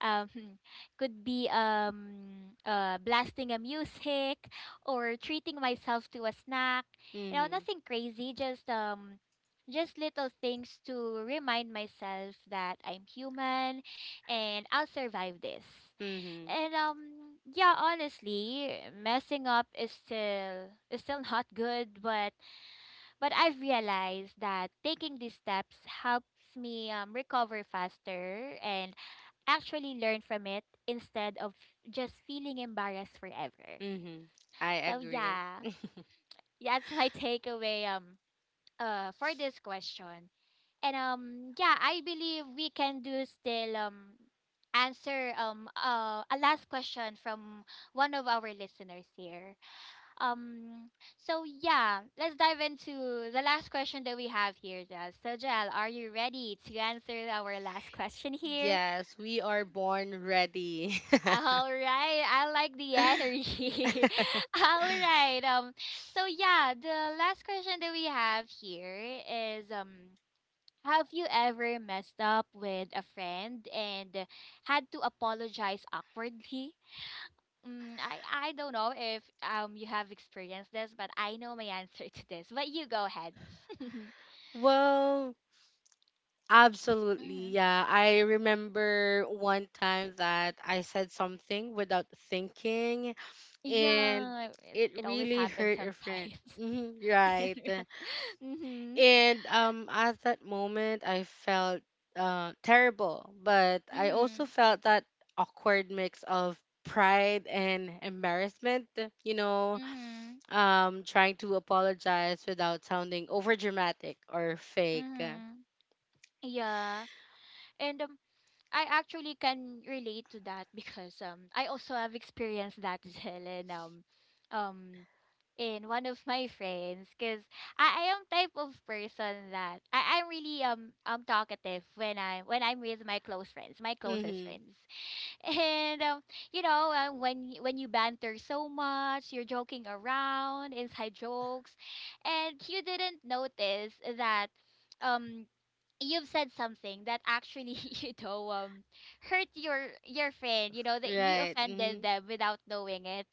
S1: Um could be blasting a music or treating myself to a snack. You know,
S2: Mhm.
S1: nothing crazy, just, just little things to remind myself that I'm human and I'll survive this.
S2: Mhm.
S1: And yeah, honestly, messing up is still not good, but I've realized that taking these steps helps me, recover faster and actually learn from it instead of just feeling embarrassed forever.
S2: Mhm. I
S1: So
S2: agree.
S1: yeah, that's my takeaway, for this question. And yeah, I believe we can do still answer, a last question from one of our listeners here. Um, so yeah, let's dive into the last question that we have here, Jal. So Jal, are you ready to answer our last question here?
S2: Yes, we are born ready.
S1: All right, I like the energy. All right. So yeah, the last question that we have here is, have you ever messed up with a friend and had to apologize awkwardly? I don't know if you have experienced this, but I know my answer to this. But you go ahead.
S2: Well,
S1: Hmm.
S2: absolutely. Yeah, I remember one time that I said something without thinking, and
S1: Yeah, it,
S2: it
S1: it always
S2: really
S1: happens
S2: hurt a friend.
S1: sometimes.
S2: Mhm, right.
S1: Mm-hmm.
S2: And at that moment I felt terrible, but I also
S1: Mm-hmm.
S2: felt that awkward mix of pride and embarrassment, you know,
S1: Mm-hmm.
S2: trying to apologize without sounding overdramatic or fake.
S1: Mm-hmm. Yeah. And I actually can relate to that because I also have experienced that as well, and um in one of my friends, because I am type of person that I'm really talkative when I'm with my close friends, my closest
S2: Mm-hmm.
S1: friends. And you know, when when you banter so much, you're joking around, inside jokes, and you didn't notice that, um you've said something that actually you know um hurt your friend, you know, that you
S2: Right.
S1: offended
S2: Mhm.
S1: them without knowing it.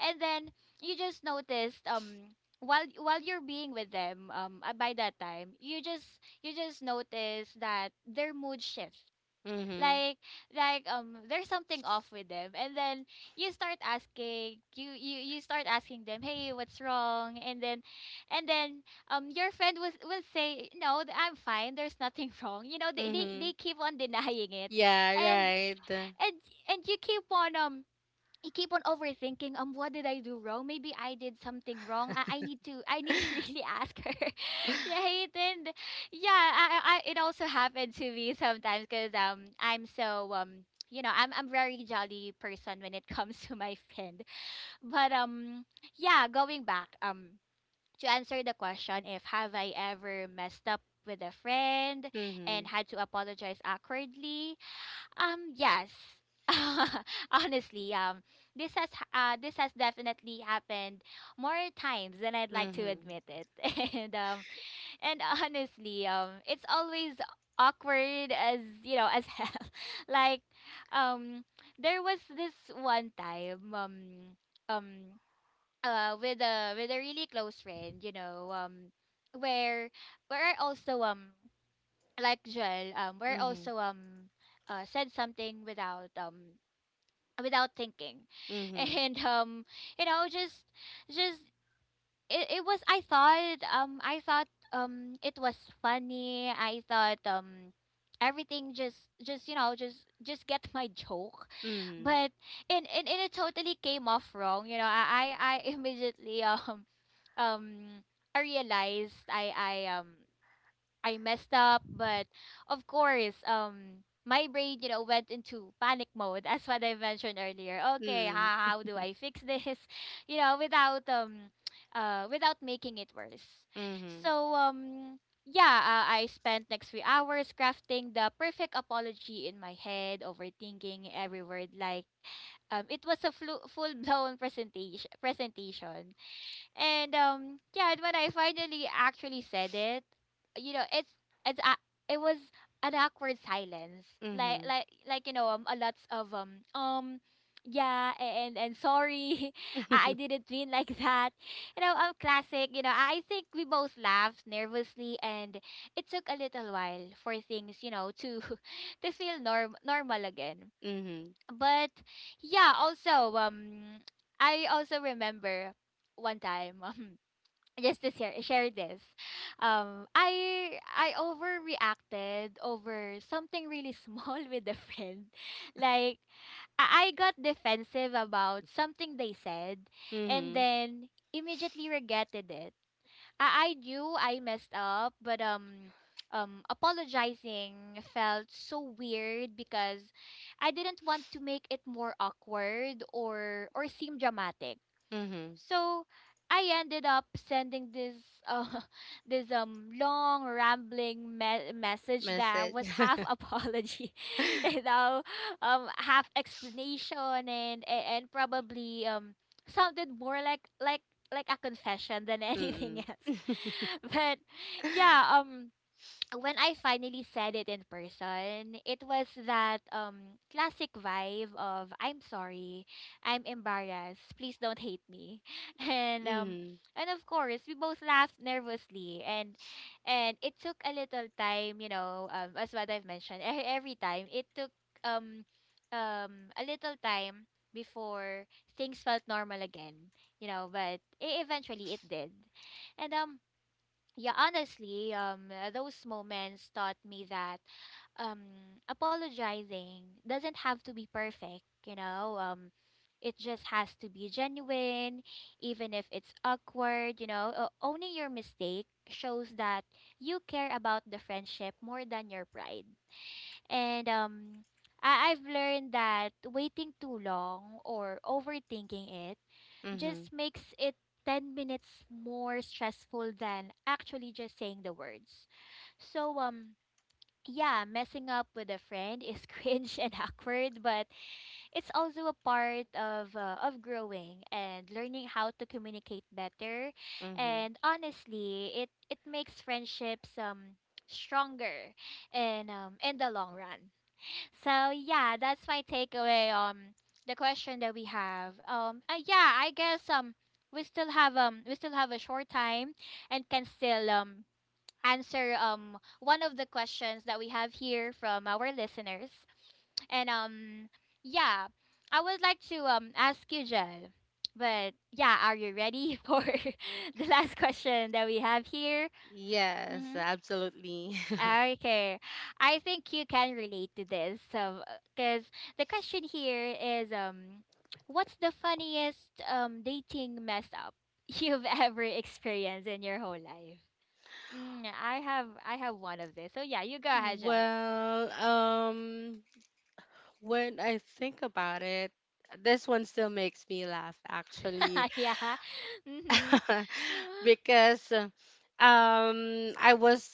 S1: And then you just noticed, while you're being with them, by that time, you just notice that their mood shifts.
S2: Mhm.
S1: Like like um there's something off with them, and then you start asking them, "Hey, what's wrong?" And then your friend was will say, No I'm fine, there's nothing wrong." You know, they, they
S2: Mhm.
S1: they keep on denying it.
S2: Yeah,
S1: and
S2: right.
S1: and and you keep on I keep on overthinking. What did I do wrong? Maybe I did something wrong. I need to really ask her, right? And yeah, I it also happened to me sometimes because I'm so, I'm very jolly person when it comes to my friend. But yeah, going back, to answer the question, if have I ever messed up with a friend and
S2: Mhm.
S1: had to apologize awkwardly, yes. Honestly, this has this has definitely happened more times than I'd like to
S2: Mhm.
S1: admit it. And um, and honestly, it's always awkward as, you know, as hell. Like, um, there was this one time, um, with a really close friend, you know, where where I also, like Joel, we're
S2: Mhm.
S1: also, said something without thinking.
S2: Mhm.
S1: And you know, just it was, I thought, it was funny. I thought, everything just you know just get my joke.
S2: Mhm.
S1: But and it totally came off wrong, you know. I immediately, um I realized, I messed up, but of course, my brain, you know, went into panic mode. That's what I mentioned earlier. Okay,
S2: Mhm.
S1: how do I fix this? You know, without without making it worse. So yeah, I spent next few hours crafting the perfect apology in my head, overthinking every word. Like, it was a full blown presentation. Presentation. And yeah, and when I finally actually said it, you know, it was an awkward silence.
S2: Mhm.
S1: Like
S2: Mhm.
S1: like like you know, a lots of, yeah, and sorry. I didn't mean like that. You know, classic, you know, I think we both laughed nervously, and it took a little while for things, you know, to to feel normal again.
S2: Mhm.
S1: But yeah, also, I also remember one time. Just to share this. I overreacted over something really small with a friend. Like, I got defensive about something they said and
S2: Mhm.
S1: then immediately regretted it. I knew I messed up, but apologizing felt so weird because I didn't want to make it more awkward or seem dramatic.
S2: Mhm.
S1: So I ended up sending this uh, this long rambling message that
S2: Message.
S1: was half apology, you know, half explanation and probably sounded more like a confession than anything
S2: Mhm.
S1: else. But yeah, when I finally said it in person, it was that classic vibe of I'm sorry, I'm embarrassed, please don't hate me. And
S2: Mhm.
S1: of course we both laughed nervously and it took a little time, you know, as what I've mentioned, every time it took um a little time before things felt normal again, you know, but eventually it did. And yeah, honestly, those moments taught me that um, apologizing doesn't have to be perfect, you know? It just has to be genuine, even if it's awkward, you know? Owning your mistake shows that you care about the friendship more than your pride. And I've learned that waiting too long or overthinking it
S2: Mhm.
S1: just makes it 10 minutes more stressful than actually just saying the words. So, yeah, messing up with a friend is cringe and awkward, but it's also a part of growing and learning how to communicate better.
S2: Mhm.
S1: And honestly, it makes friendships stronger and in the long run. So yeah, that's my takeaway. The question that we have. Yeah, I guess we still have a short time, and can still answer one of the questions that we have here from our listeners. And yeah, I would like to ask you, Jel. But yeah, are you ready for the last question that we have here?
S2: Yes,
S1: Mm-hmm.
S2: absolutely.
S1: Okay, I think you can relate to this. So, because the question here is, what's the funniest dating mess up you've ever experienced in your whole life? Mm, I have one of this. So yeah, you go ahead, Jen.
S2: Well, when I think about it, this one still makes me laugh actually.
S1: yeah. Mm-hmm.
S2: Because, I was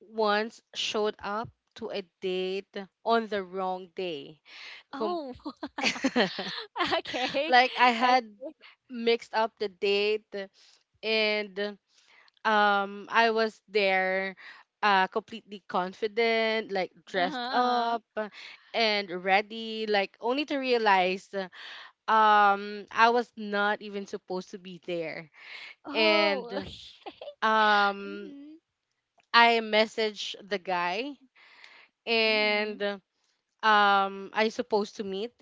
S2: once showed up to a date on the wrong day. Com-
S1: Oh. okay.
S2: like I
S1: Okay.
S2: had mixed up the date, and I was there completely confident, like
S1: Uh-huh,
S2: dressed
S1: uh-huh.
S2: up and ready, like only to realize I was not even supposed to be there. And
S1: Oh. Okay,
S2: um
S1: mm-hmm.
S2: I messaged the guy
S1: Mm-hmm.
S2: and I supposed to meet,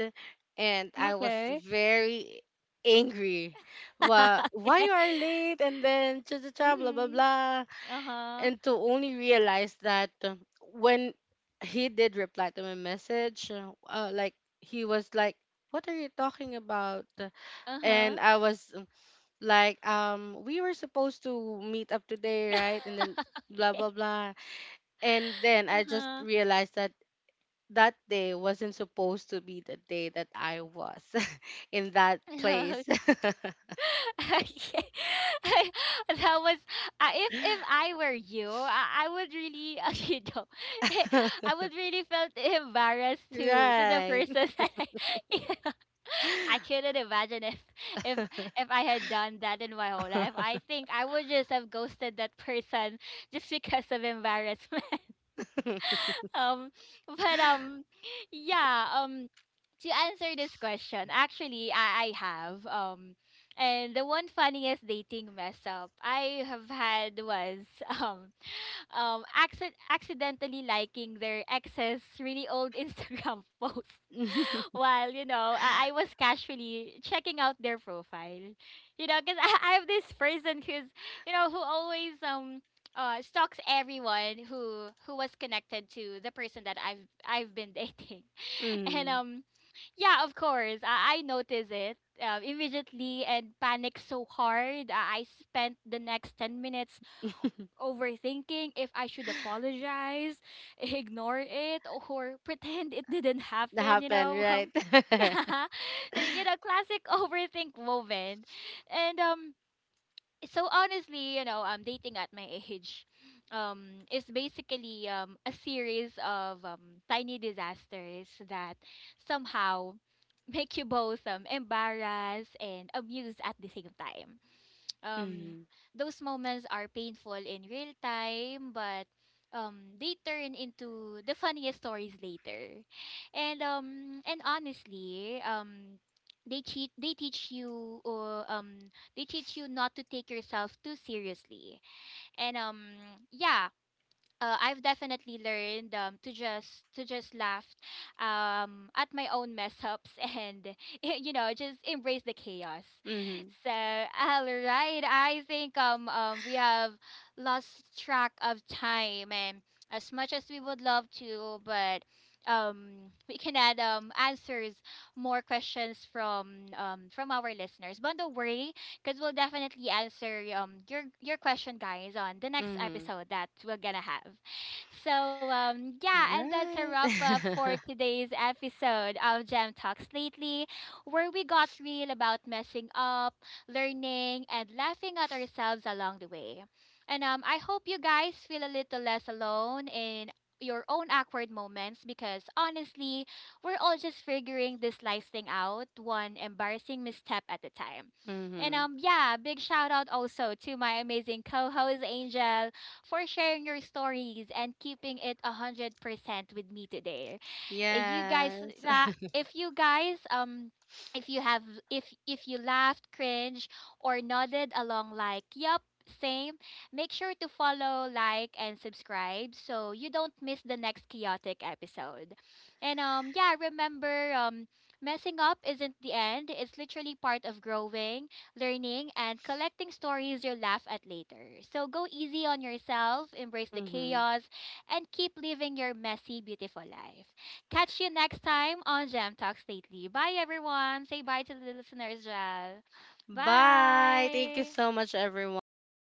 S2: and I was
S1: Okay.
S2: very angry. Well, why
S1: okay.
S2: you are late, and then cha cha cha blah blah
S1: Mm-hmm.
S2: blah.
S1: Uh-huh.
S2: And to only realize that, when he did reply to my message, like, he was like, what are you talking about?
S1: Uh-huh.
S2: And I was, like, we were supposed to meet up today, right? And then blah
S1: Okay.
S2: blah blah. And then I just
S1: Uh-huh.
S2: realized that that day wasn't supposed to be the day that I was in that
S1: Okay.
S2: place.
S1: Okay. That was if I were you, I would really, you know, I would really felt embarrassed to the
S2: Right.
S1: person that I yeah. I couldn't imagine if if I had done that in my whole life. I think I would just have ghosted that person just because of embarrassment. um but yeah um to answer this question, actually I have and the one funniest dating mess up I have had was um accidentally liking their ex's really old Instagram posts while, you know, I was casually checking out their profile, you know, because I have this person who's, you know, who always stalks everyone who was connected to the person that I've been dating. and
S2: Mm,
S1: Yeah, of course I notice it, immediately, and panic so hard I spent the next 10 minutes overthinking if I should apologize, ignore it, or pretend it didn't
S2: that
S1: happen, you
S2: happened,
S1: know?
S2: right?
S1: Yeah, you know, classic overthink moment. And so honestly, you know, dating at my age is basically a series of tiny disasters that somehow make you both embarrassed and amused at the same time. um
S2: Mm,
S1: those moments are painful in real time, but they turn into the funniest stories later, and honestly, they teach you, they teach you not to take yourself too seriously. And yeah I've definitely learned, to just laugh, at my own mess ups and, you know, just embrace the chaos.
S2: mm,
S1: So all right, I think we have lost track of time, and as much as we would love to, but we can add answers more questions from our listeners. But don't worry, because we'll definitely answer your question, guys, on the next
S2: mm,
S1: episode that we're gonna have. So yeah, and that's a
S2: right.
S1: wrap up for today's episode of Gem Talks Lately, where we got real about messing up, learning, and laughing at ourselves along the way. And I hope you guys feel a little less alone in your own awkward moments because honestly, we're all just figuring this life thing out, one embarrassing misstep at a time. And
S2: Mm,
S1: yeah, big shout out also to my amazing co-host Angel for sharing your stories and keeping it 100% with me today. You guys
S2: yes.
S1: that if you guys if you have if you laughed, cringe or nodded along like, "Yup, same." Make sure to follow, like and subscribe so you don't miss the next chaotic episode. And yeah, remember messing up isn't the end. It's literally part of growing learning, and collecting stories you'll laugh at later. So go easy on yourself, embrace the
S2: Mm-hmm.
S1: chaos, and keep living your messy, beautiful life. Catch you next time on Gem Talks Lately. Bye, everyone. Say bye to the listeners, Jal.
S2: Bye. Thank you
S1: Bye.
S2: so much, everyone.